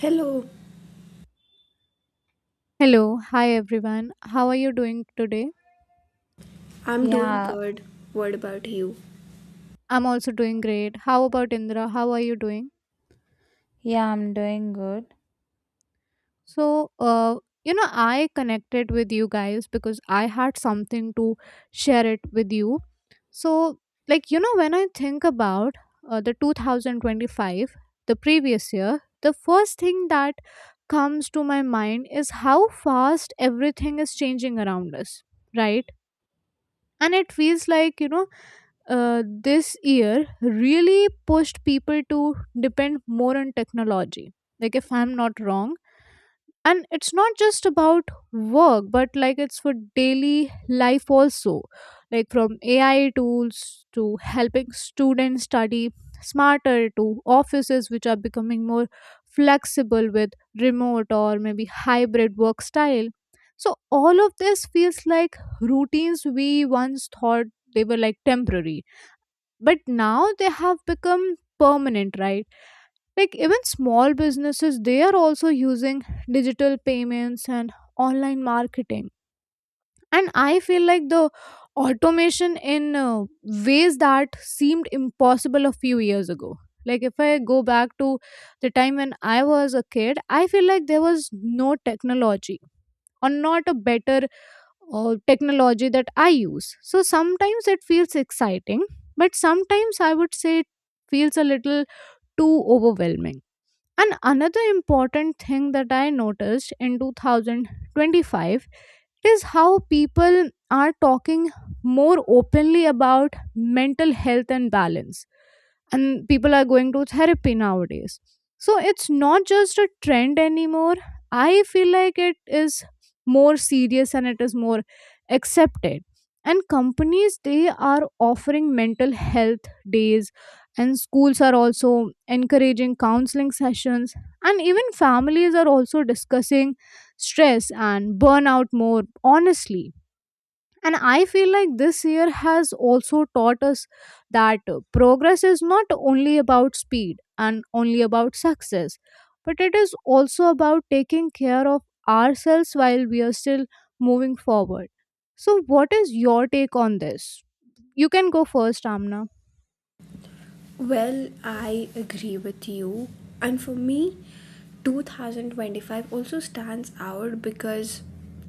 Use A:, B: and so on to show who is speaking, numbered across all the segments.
A: Hello,
B: Hello, hi everyone. How are you doing today?
A: I'm doing
C: Yeah,
A: good. What about you?
B: I'm also doing great. How about Indra? How are you doing?
C: yeah, I'm doing good.
B: So, uh, I connected with you guys because I had something to share it with you. So, when I think about the 2025, the previous year, the first thing that comes to my mind is how fast everything is changing around us, right? And it feels like, uh, this year really pushed people to depend more on technology, like if I'm not wrong. And it's not just about work, but like it's for daily life also, like from AI tools to helping students study smarter, to offices which are becoming more flexible with remote or maybe hybrid work style. So all of this feels like routines we once thought they were like temporary, but now they have become permanent, right? Like even small businesses, they are also using digital payments and online marketing. And I feel like the automation in ways that seemed impossible a few years ago. Like if I go back to the time when I was a kid, I feel like there was no technology, or not a better, or technology that I use. So sometimes it feels exciting, but sometimes I would say it feels a little too overwhelming. And another important thing that I noticed in 2025 is how people are talking more openly about mental health and balance. And people are going to therapy nowadays. So it's not just a trend anymore. I feel like it is more serious and it is more accepted. And companies, they are offering mental health days, and schools are also encouraging counseling sessions, and even families are also discussing stress and burnout more honestly. And I feel like this year has also taught us that progress is not only about speed and only about success, but it is also about taking care of ourselves while we are still moving forward. So what is your take on this? You can go first, Amna.
A: Well, I agree with you. And for me, 2025 also stands out because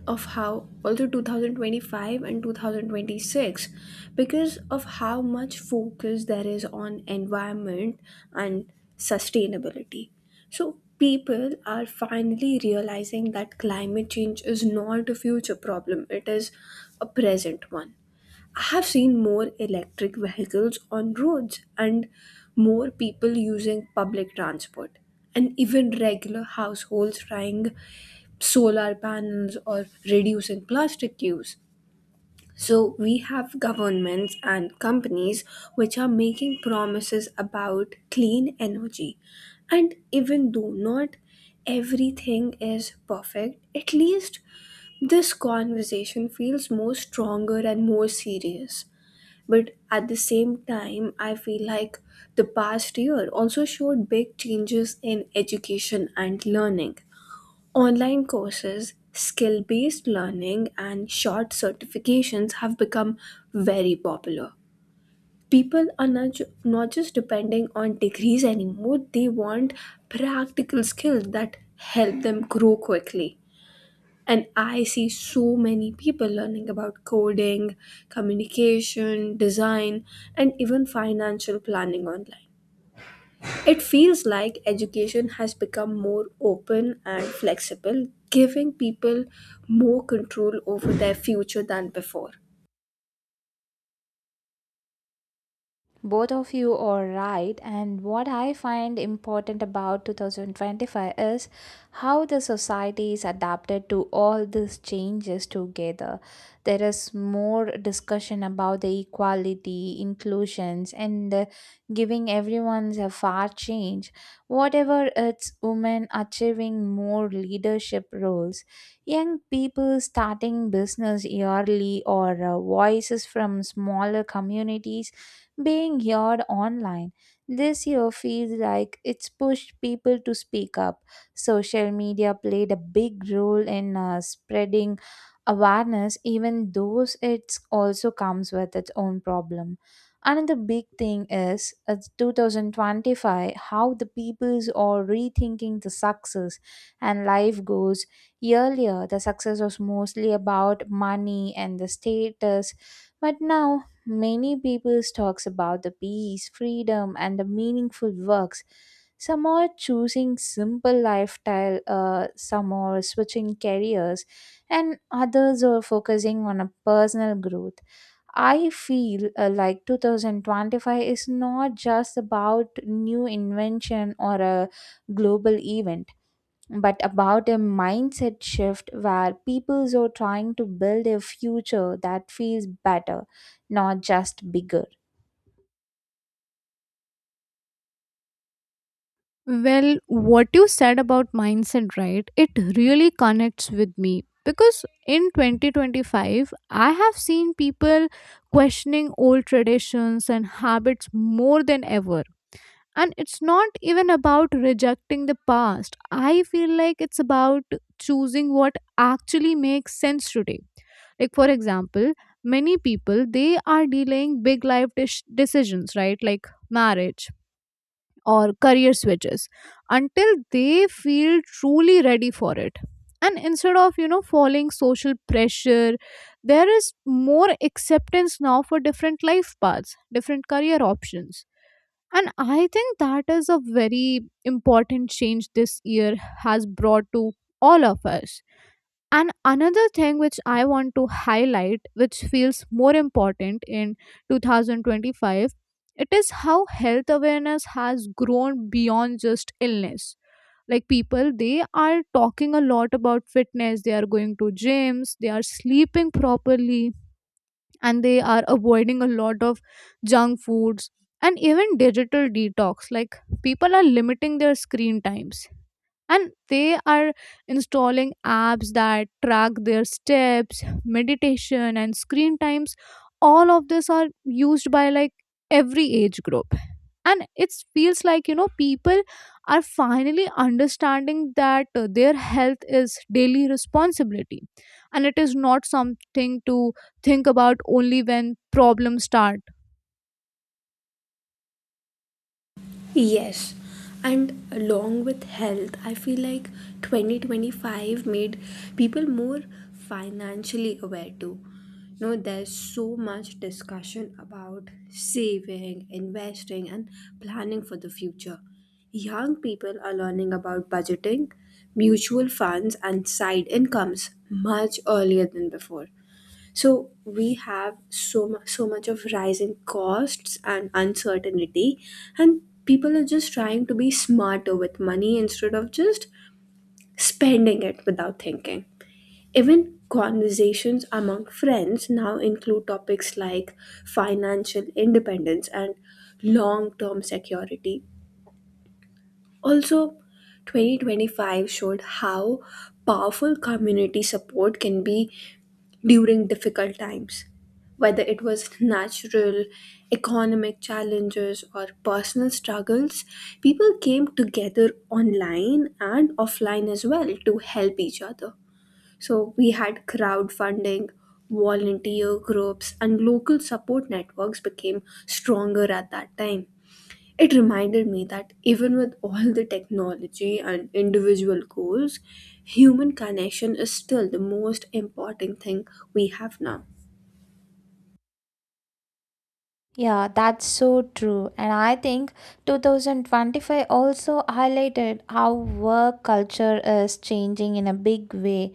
A: of how, also 2025 and 2026, because of how much focus there is on environment and sustainability. So, people are finally realizing that climate change is not a future problem, it is a present one. I have seen more electric vehicles on roads and more people using public transport, and even regular households trying solar panels or reducing plastic use. So, we have governments and companies which are making promises about clean energy. And even though not everything is perfect, at least this conversation feels more stronger and more serious. But at the same time, I feel like the past year also showed big changes in education and learning. Online courses, skill based learning, and short certifications have become very popular. People are not just depending on degrees anymore, they want practical skills that help them grow quickly. And I see so many people learning about coding, communication, design, and even financial planning online. It feels like education has become more open and flexible, giving people more control over their future than before.
C: Both of you are right, and what I find important about 2025 is how the society is adapted to all these changes together. There is more discussion about the equality, inclusions, and giving everyone's a fair change. Whatever it's women achieving more leadership roles, young people starting business yearly, or voices from smaller communities being heard online. This year feels like it's pushed people to speak up. Social media played a big role in spreading awareness, even though it also comes with its own problem. Another big thing is 2025, how the peoples are rethinking the success and life goals. Earlier, the success was mostly about money and the status, but now many people talks about the peace, freedom, and the meaningful works. Some are choosing simple lifestyle, some are switching careers, and others are focusing on a personal growth. I feel like 2025 is not just about new invention or a global event but about a mindset shift where peoples are trying to build a future that feels better, not just bigger.
B: Well, what you said about mindset, right? It really connects with me because in 2025, I have seen people questioning old traditions and habits more than ever. And it's not even about rejecting the past. I feel like it's about choosing what actually makes sense today. Like, for example, many people they are delaying big decisions, right? Like marriage or career switches until they feel truly ready for it. And instead of, you know, falling social pressure, there is more acceptance now for different life paths, different career options. And I think that is a very important change this year has brought to all of us. And another thing which I want to highlight, which feels more important in 2025, it is how health awareness has grown beyond just illness. Like people, they are talking a lot about fitness, they are going to gyms, they are sleeping properly, and they are avoiding a lot of junk foods, and even digital detox. Like people are limiting their screen times, and they are installing apps that track their steps, meditation, and screen times. All of this are used by like every age group. And it feels like, you know, people are finally understanding that their health is daily responsibility, and it is not something to think about only when problems start.
A: Yes, and along with health, I feel like 2025 made people more financially aware too. You know, there's so much discussion about saving, investing, and planning for the future. Young people are learning about budgeting, mutual funds, and side incomes much earlier than before. So we have so much of rising costs and uncertainty, and people are just trying to be smarter with money instead of just spending it without thinking. Even conversations among friends now include topics like financial independence and long-term security. Also, 2025 showed how powerful community support can be during difficult times, whether it was natural, economic challenges, or personal struggles, people came together online and offline as well to help each other. So we had crowdfunding, volunteer groups, and local support networks became stronger at that time. It reminded me that even with all the technology and individual goals, human connection is still the most important thing we have now.
C: Yeah, that's so true. And I think 2025 also highlighted how work culture is changing in a big way.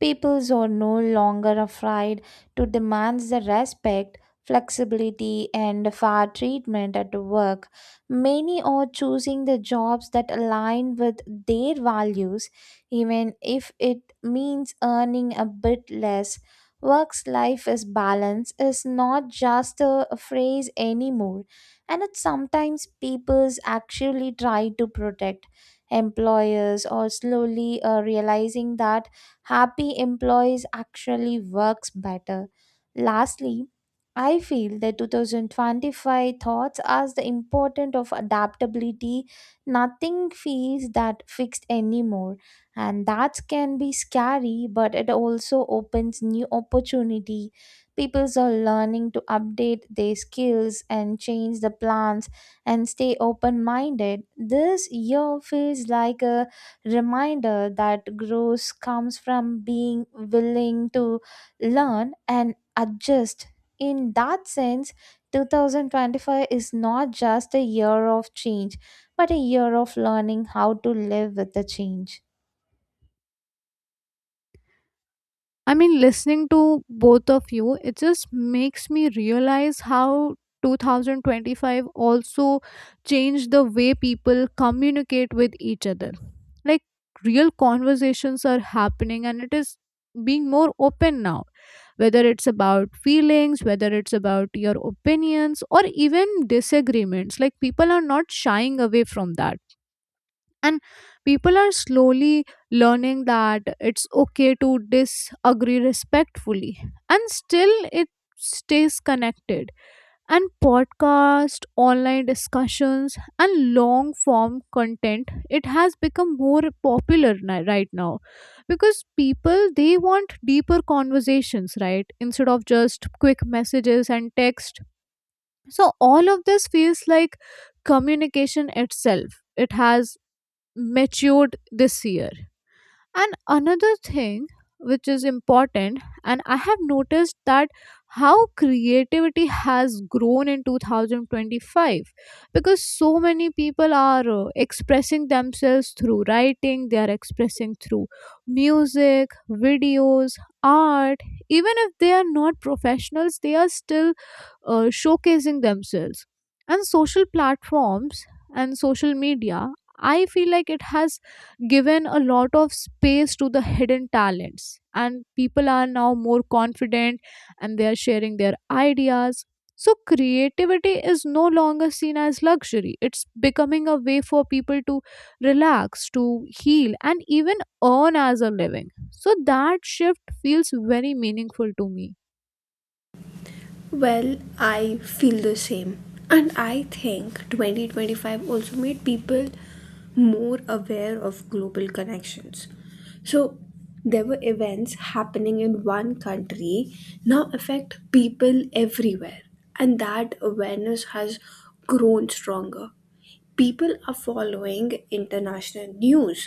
C: Peoples are no longer afraid to demand the respect, flexibility, and fair treatment at work. Many are choosing the jobs that align with their values, even if it means earning a bit less. Work's life is balance is not just a phrase anymore, and it sometimes people's actually try to protect. Employers are slowly realizing that happy employees actually works better. Lastly, I feel the 2025 thoughts as the importance of adaptability. Nothing feels that fixed anymore, and that can be scary, but it also opens new opportunity. People are learning to update their skills and change the plans and stay open minded. This year feels like a reminder that growth comes from being willing to learn and adjust. In that sense, 2025 is not just a year of change, but a year of learning how to live with the change.
B: I mean, listening to both of you, it just makes me realize how 2025 also changed the way people communicate with each other. Like, real conversations are happening, and it is being more open now, whether it's about feelings, whether it's about your opinions, or even disagreements. Like, people are not shying away from that. And people are slowly learning that it's okay to disagree respectfully and still it stays connected. And podcast, online discussions, and long form content, it has become more popular right now, because people they want deeper conversations, right, instead of just quick messages and text. So all of this feels like communication itself, it has matured this year. And another thing which is important, and I have noticed that how creativity has grown in 2025, because so many people are expressing themselves through writing, they are expressing through music, videos, art. Even if they are not professionals, they are still showcasing themselves. And social platforms and social media, I feel like it has given a lot of space to the hidden talents, and people are now more confident and they are sharing their ideas. So creativity is no longer seen as luxury. It's becoming a way for people to relax, to heal, and even earn as a living. So that shift feels very meaningful to me.
A: Well, I feel the same. And I think 2025 also made people more aware of global connections. So there were events happening in one country now affect people everywhere. And that awareness has grown stronger. People are following international news,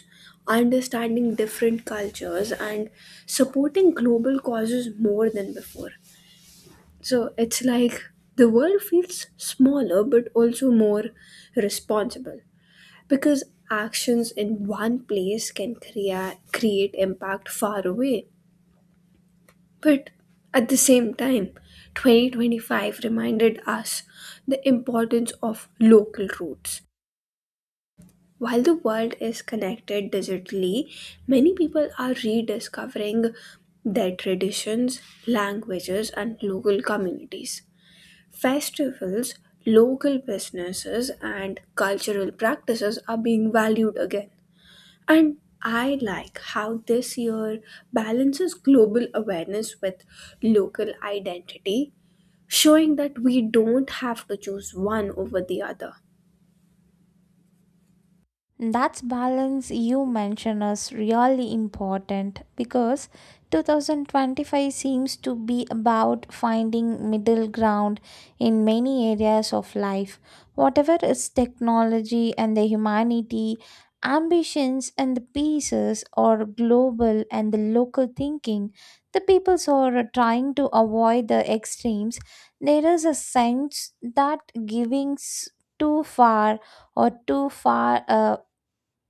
A: understanding different cultures, and supporting global causes more than before. So it's like the world feels smaller but also more responsible because actions in one place can create impact far away. But at the same time, 2025 reminded us the importance of local roots. While the world is connected digitally, many people are rediscovering their traditions, languages, and local communities. Festivals, local businesses, and cultural practices are being valued again. And I like how this year balances global awareness with local identity, showing that we don't have to choose one over the other.
C: That's balance you mention is really important because 2025 seems to be about finding middle ground in many areas of life. Whatever is technology and the humanity, ambitions and the pieces or global and the local thinking, the peoples are trying to avoid the extremes. There is a sense that too far or too far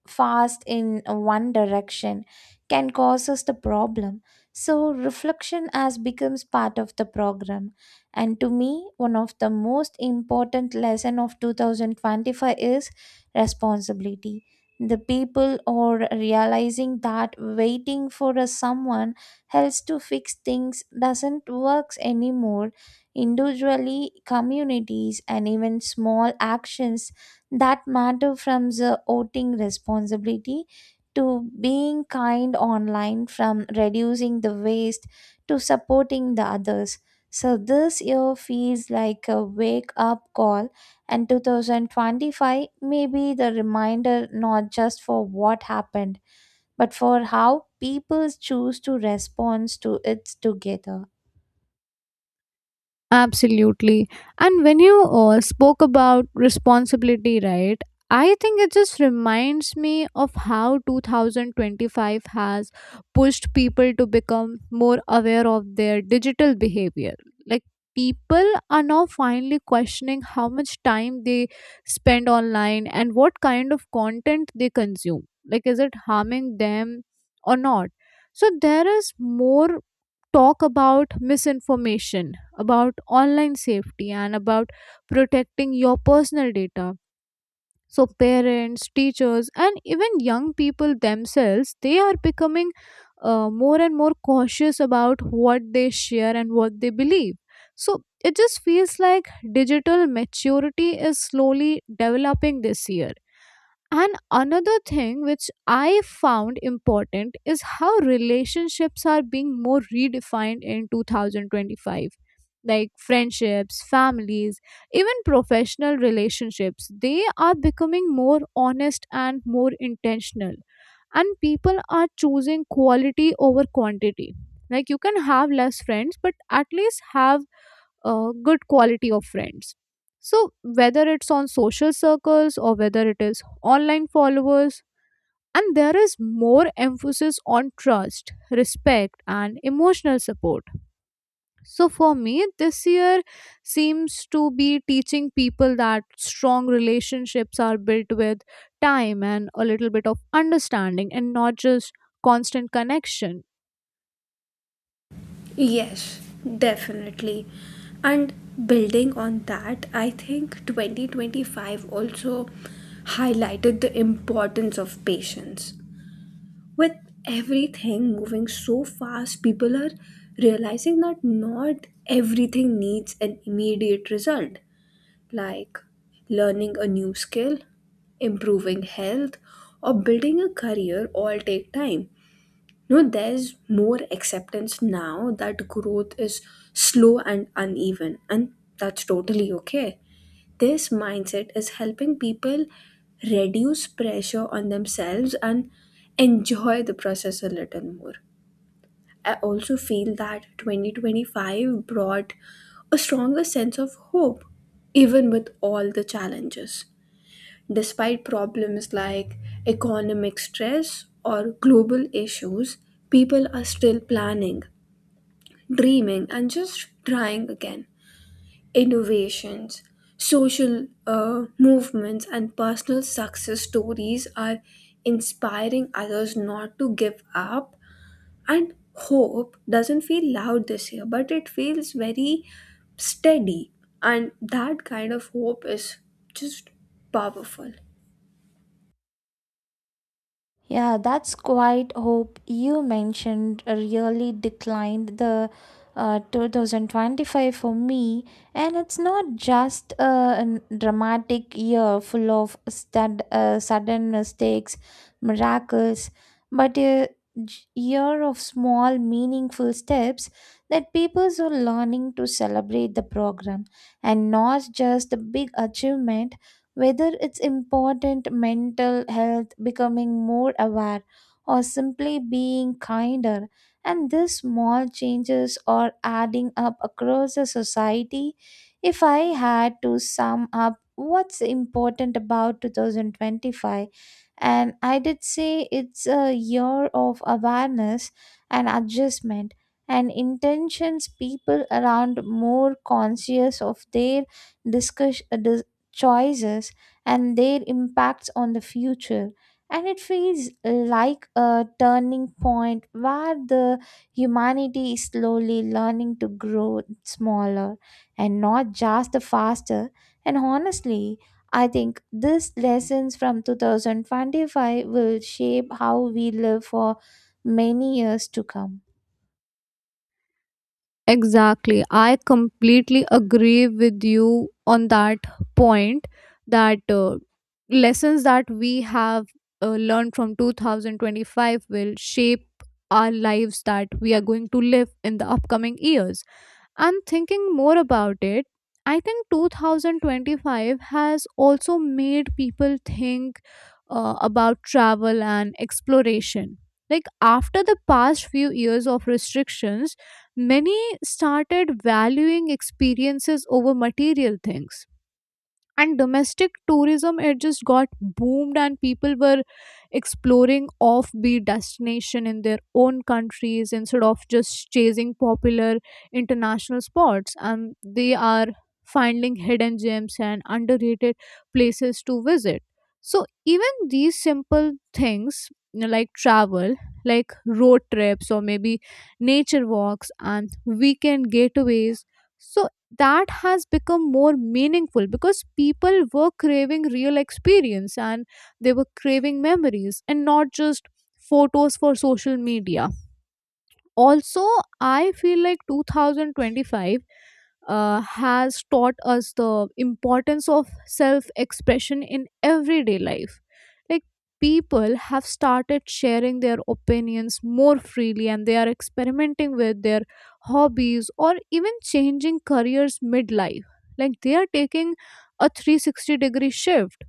C: fast in one direction can cause us the problem. So, reflection has becomes part of the program. And to me, one of the most important lesson of 2025 is responsibility. The people are realizing that waiting for a someone else to fix things doesn't works anymore. Individually, communities and even small actions that matter from the voting responsibility to being kind online from reducing the waste to supporting the others. So this year feels like a wake up call and 2025 may be the reminder not just for what happened but for how people choose to respond to it together.
B: Absolutely. And when you spoke about responsibility, right? I think it just reminds me of how 2025 has pushed people to become more aware of their digital behavior. Like people are now finally questioning how much time they spend online and what kind of content they consume. Like, is it harming them or not? So, there is more talk about misinformation, about online safety, and about protecting your personal data. So parents, teachers, and even young people themselves, they are becoming more and more cautious about what they share and what they believe. So it just feels like digital maturity is slowly developing this year. And another thing which I found important is how relationships are being more redefined in 2025. Like friendships, families, even professional relationships, they are becoming more honest and more intentional. And people are choosing quality over quantity. Like you can have less friends, but at least have good quality of friends. So whether it's on social circles or whether it is online followers, and there is more emphasis on trust, respect, and emotional support. So for me, this year seems to be teaching people that strong relationships are built with time and a little bit of understanding, and not just constant connection.
A: Yes, definitely. And building on that, I think 2025 also highlighted the importance of patience. With everything moving so fast, people are realizing that not everything needs an immediate result, like learning a new skill, improving health, or building a career all take time. No, there's more acceptance now that growth is slow and uneven, and that's totally okay. This mindset is helping people reduce pressure on themselves and enjoy the process a little more. I also feel that 2025 brought a stronger sense of hope, even with all the challenges. Despite problems like economic stress or global issues, people are still planning, dreaming, and just trying again. Innovations, social movements, and personal success stories are inspiring others not to give up. And hope doesn't feel loud this year, but it feels very steady. And that kind of hope is just powerful.
C: Yeah, that's quite hope you mentioned really declined the 2025 for me, and it's not just a dramatic year full of sudden mistakes, miracles, but a year of small, meaningful steps that people are learning to celebrate the program and not just the big achievement whether it's important mental health, becoming more aware, or simply being kinder, and these small changes are adding up across the society. If I had to sum up what's important about 2025, and I did say it's a year of awareness and adjustment and intentions people around more conscious of their discuss, choices and their impacts on the future. And it feels like a turning point where the humanity is slowly learning to grow smaller and not just the faster. And honestly, I think these lessons from 2025 will shape how we live for many years to come.
B: Exactly. I completely agree with you on that point that lessons that we have learned from 2025 will shape our lives that we are going to live in the upcoming years. And thinking more about it, I think 2025 has also made people think about travel and exploration. Like after the past few years of restrictions, many started valuing experiences over material things. And domestic tourism, it just got boomed, and people were exploring offbeat destination in their own countries instead of just chasing popular international spots. And they are finding hidden gems and underrated places to visit. So even these simple things, you know, like travel, like road trips, or maybe nature walks and weekend getaways, so that has become more meaningful because people were craving real experience, and they were craving memories and not just photos for social media. Also, I feel like 2025 has taught us the importance of self expression in everyday life. Like people have started sharing their opinions more freely, and they are experimenting with their hobbies or even changing careers midlife. Like they are taking a 360-degree shift.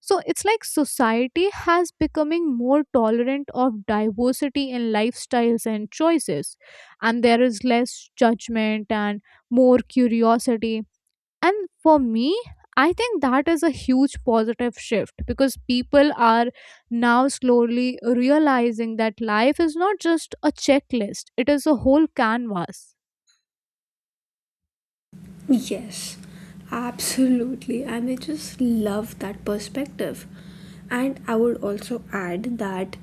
B: So it's like society has becoming more tolerant of diversity in lifestyles and choices. And there is less judgment and more curiosity. And for me, I think that is a huge positive shift, because people are now slowly realizing that life is not just a checklist, it is a whole canvas.
A: Yes, absolutely. And I just love that perspective. And I would also add that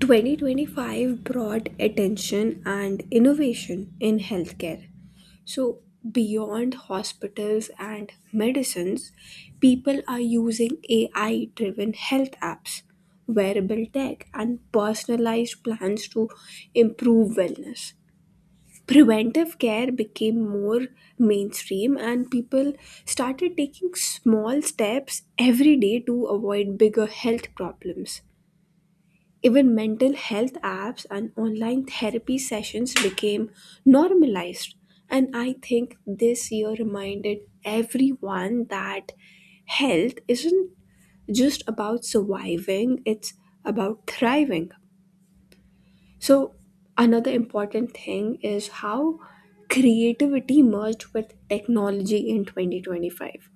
A: 2025 brought attention and innovation in healthcare. So, beyond hospitals and medicines, people are using AI driven health apps, wearable tech, and personalized plans to improve wellness. Preventive care became more mainstream and people started taking small steps every day to avoid bigger health problems. Even mental health apps and online therapy sessions became normalized. And I think this year reminded everyone that health isn't just about surviving, it's about thriving. So, another important thing is how creativity merged with technology in 2025.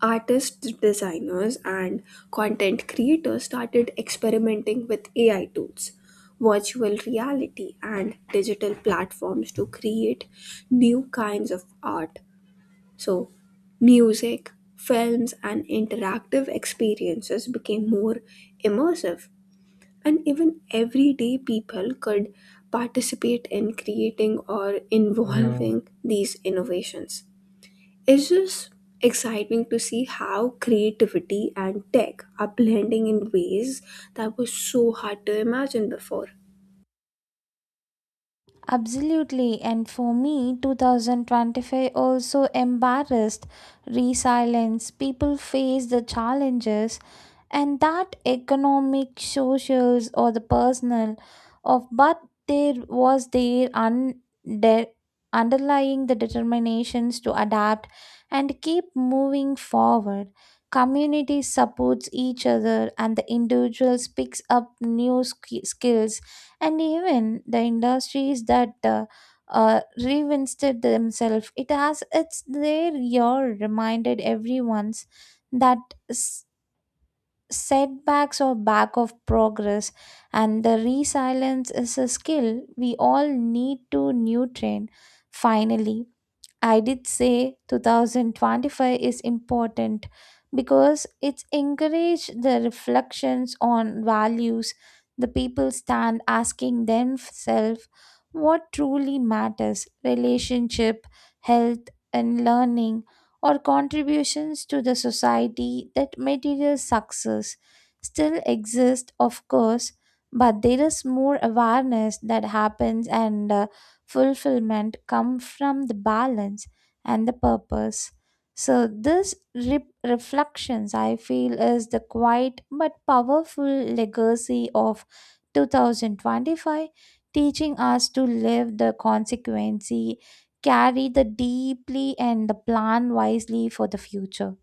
A: Artists, designers, and content creators started experimenting with AI tools, virtual reality, and digital platforms to create new kinds of art. So, music, films, and interactive experiences became more immersive and even everyday people could participate in creating or involving these innovations. It's just exciting to see how creativity and tech are blending in ways that was so hard to imagine before.
C: Absolutely, and for me, 2025 also embarrassed resilience. People face the challenges, and that economic, socials, or the personal, of but there was their underlying the determinations to adapt and keep moving forward. Community supports each other, and the individuals picks up new skills and even the industries that reinvented themselves it has it's their year reminded everyone's that s- setbacks are back of progress and the resilience is a skill we all need to new train. Finally, I did say 2025 is important because it's encouraged the reflections on values. The people stand asking themselves what truly matters relationship, health, and learning, or contributions to the society that material success still exists of course, but there is more awareness that happens and fulfillment come from the balance and the purpose. So this reflections I feel is the quiet but powerful legacy of 2025 teaching us to live the consequency carry the deeply and the plan wisely for the future.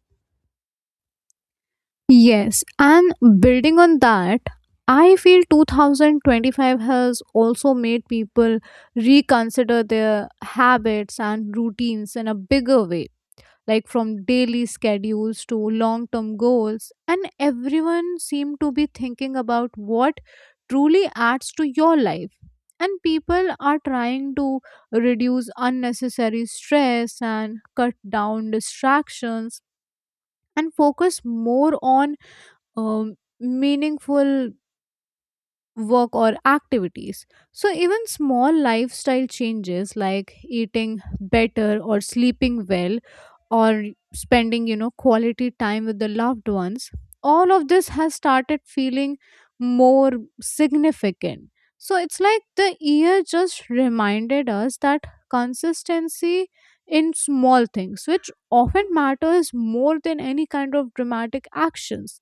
B: Yes, and building on that, I feel 2025 has also made people reconsider their habits and routines in a bigger way, like from daily schedules to long term goals. And everyone seemed to be thinking about what truly adds to your life. And people are trying to reduce unnecessary stress and cut down distractions and focus more on um, meaningful work or activities. So, even small lifestyle changes like eating better or sleeping well or spending, you know, quality time with the loved ones, all of this has started feeling more significant. So, it's like the year just reminded us that consistency in small things, which often matters more than any kind of dramatic actions.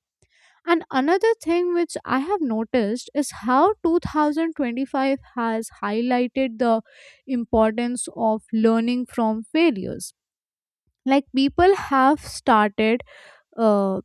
B: And another thing which I have noticed is how 2025 has highlighted the importance of learning from failures. Like people have started uh,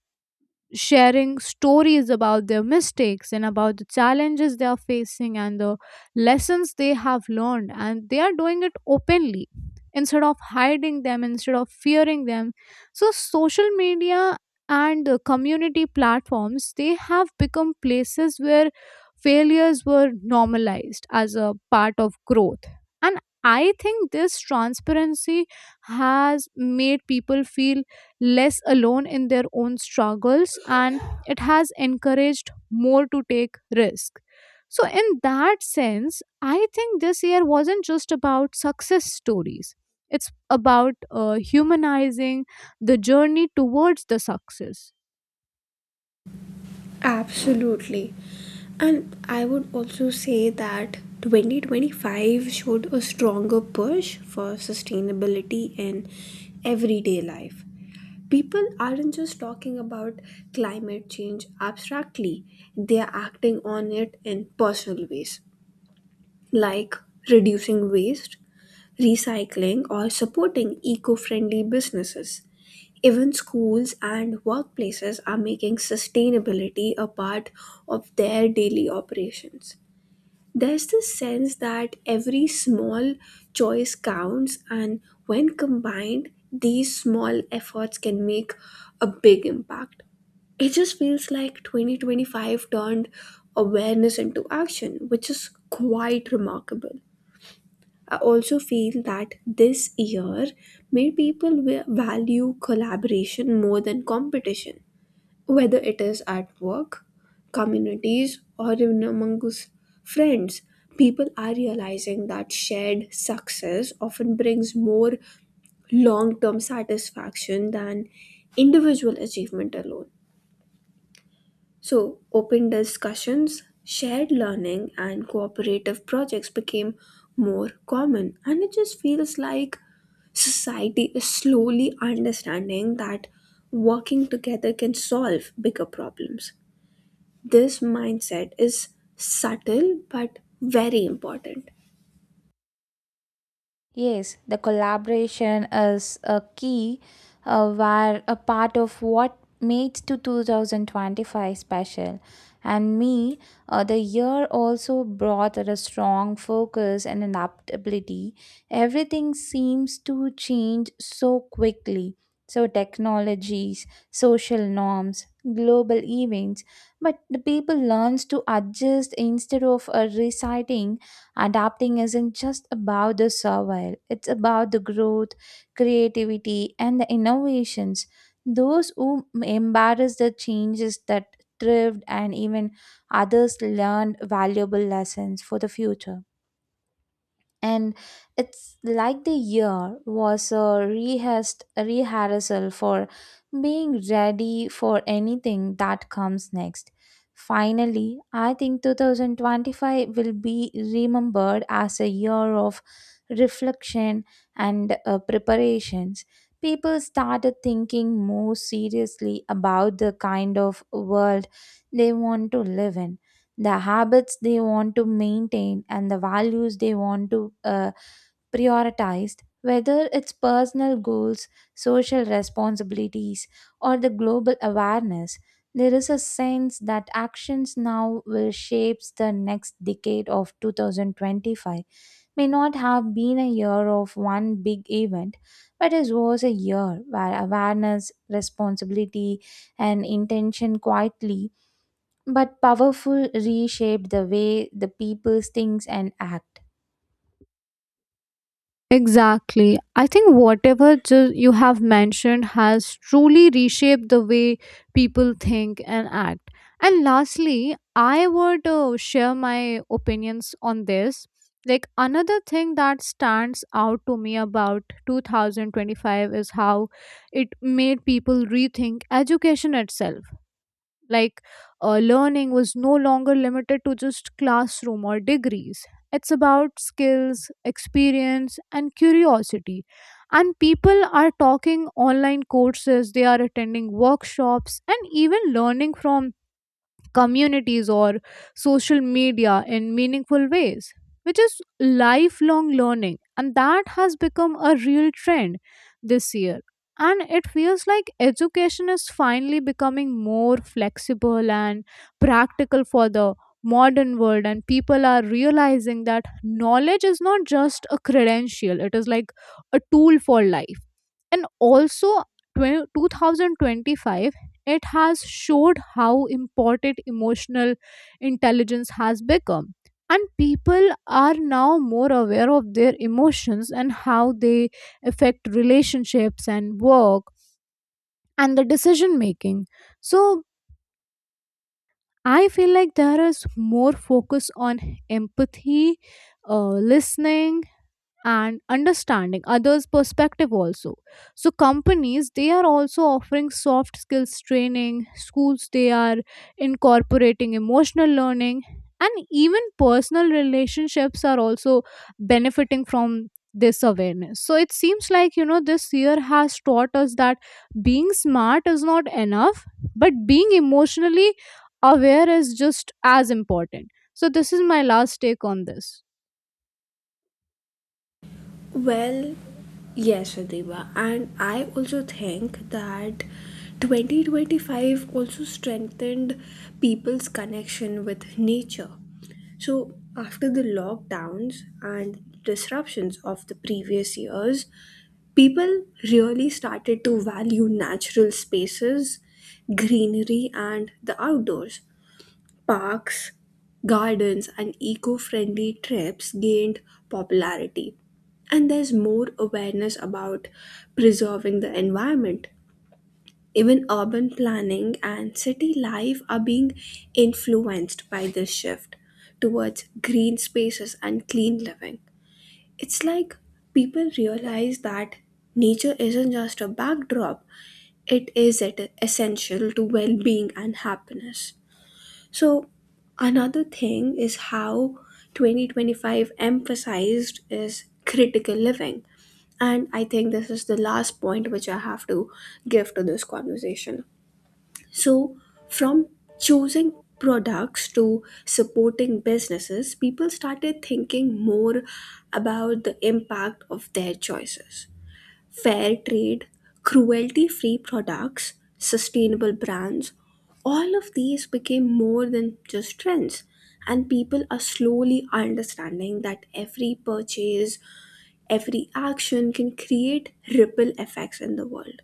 B: sharing stories about their mistakes and about the challenges they are facing and the lessons they have learned, and they are doing it openly instead of hiding them, instead of fearing them. So social media and the community platforms, they have become places where failures were normalized as a part of growth. And I think this transparency has made people feel less alone in their own struggles, and it has encouraged more to take risk. So in that sense, I think this year wasn't just about success stories, it's about humanizing the journey towards the success.
A: Absolutely. And I would also say that 2025 showed a stronger push for sustainability in everyday life. People aren't just talking about climate change abstractly, they are acting on it in personal ways, like reducing waste, recycling, or supporting eco friendly businesses. Even schools and workplaces are making sustainability a part of their daily operations. There's this sense that every small choice counts, and when combined, these small efforts can make a big impact. It just feels like 2025 turned awareness into action, which is quite remarkable. I also feel that this year made people value collaboration more than competition, whether it is at work, communities, or even amongst friends, people are realizing that shared success often brings more long term satisfaction than individual achievement alone. So, open discussions, shared learning, and cooperative projects became more common, and it just feels like society is slowly understanding that working together can solve bigger problems. This mindset is subtle but very important.
C: Yes, the collaboration is a key, were a part of what made to 2025 special. And me, the year also brought a strong focus and adaptability. Everything seems to change so quickly. So technologies, social norms, global events, but the people learns to adjust instead of reciting. Adapting isn't just about the survival, it's about the growth, creativity, and the innovations. Those who embrace the changes that thrived and even others learned valuable lessons for the future and it's like the year was a rehearsed rehearsal for being ready for anything that comes next. Finally, I think 2025 will be remembered as a year of reflection and preparations. People started thinking more seriously about the kind of world they want to live in the habits they want to maintain and the values they want to prioritize whether it's personal goals social responsibilities or the global awareness there is a sense that actions now will shape the next decade of 2025 may not have been a year of one big event but it was a year where awareness responsibility and intention quietly but powerful reshaped the way the people thinks and act.
B: Exactly. I think whatever you have mentioned has truly reshaped the way people think and act. And lastly, I would share my opinions on this. Like another thing that stands out to me about 2025 is how it made people rethink education itself. Like learning was no longer limited to just classroom or degrees. It's about skills, experience, and curiosity. And people are talking online courses, they are attending workshops, and even learning from communities or social media in meaningful ways, which is lifelong learning. And that has become a real trend this year. And it feels like education is finally becoming more flexible and practical for the modern world, and people are realizing that knowledge is not just a credential, it is like a tool for life. And also, 20 2025, it has showed how important emotional intelligence has become. And people are now more aware of their emotions and how they affect relationships and work and the decision making. So I feel like there is more focus on empathy, listening, and understanding others perspective also. So companies, they are also offering soft skills training, schools, they are incorporating emotional learning, and even personal relationships are also benefiting from this awareness. So it seems like, you know, this year has taught us that being smart is not enough, but being emotionally aware is just as important. So this is my last take on this.
A: Well, yes, Adiba, and I also think that 2025 also strengthened people's connection with nature. So, after the lockdowns and disruptions of the previous years, people really started to value natural spaces, greenery, and the outdoors. Parks, gardens, and eco friendly trips gained popularity. And there's more awareness about preserving the environment. Even urban planning and city life are being influenced by this shift towards green spaces and clean living. It's like people realize that nature isn't just a backdrop, it is essential to well being and happiness. So another thing is how 2025 emphasized is critical living. And I think this is the last point which I have to give to this conversation. So from choosing products to supporting businesses, people started thinking more about the impact of their choices, fair trade, cruelty free products, sustainable brands, all of these became more than just trends. And people are slowly understanding that every purchase, every action can create ripple effects in the world.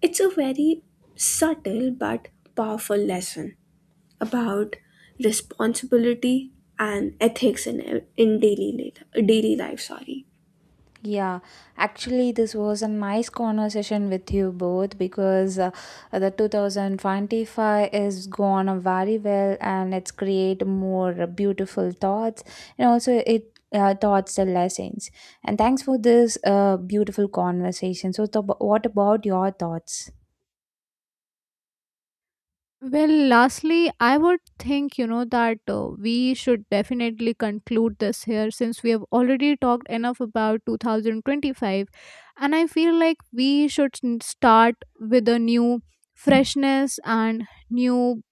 A: It's a very subtle but powerful lesson about responsibility and ethics in, daily life. Sorry.
C: Yeah, actually, this was a nice conversation with you both because the 2025 is gone very well and it's create more beautiful thoughts and also it taught the lessons. And thanks for this beautiful conversation. So, what about your thoughts?
B: Well, lastly, I would think, you know, that we should definitely conclude this here since we have already talked enough about 2025. And I feel like we should start with a new freshness and new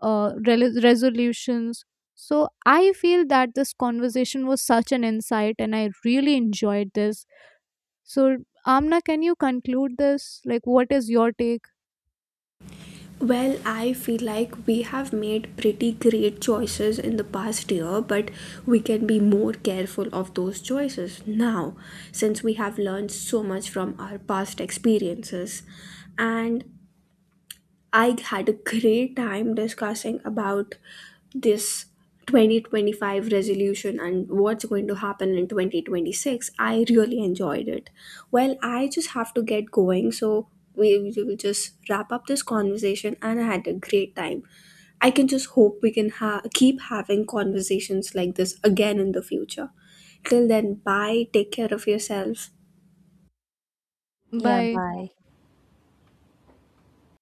B: rel resolutions. So I feel that this conversation was such an insight and I really enjoyed this. So, Amna, can you conclude this? Like, what is your take?
A: Well, I feel like we have made pretty great choices in the past year, but we can be more careful of those choices now since we have learned so much from our past experiences. And I had a great time discussing about this 2025 resolution and what's going to happen in 2026. I really enjoyed it. Well, I just have to get going, so we will just wrap up this conversation and I had a great time. I can just hope we can keep having conversations like this again in the future. Till then, bye. Take care of yourself.
C: Yeah,
B: Bye.
C: bye.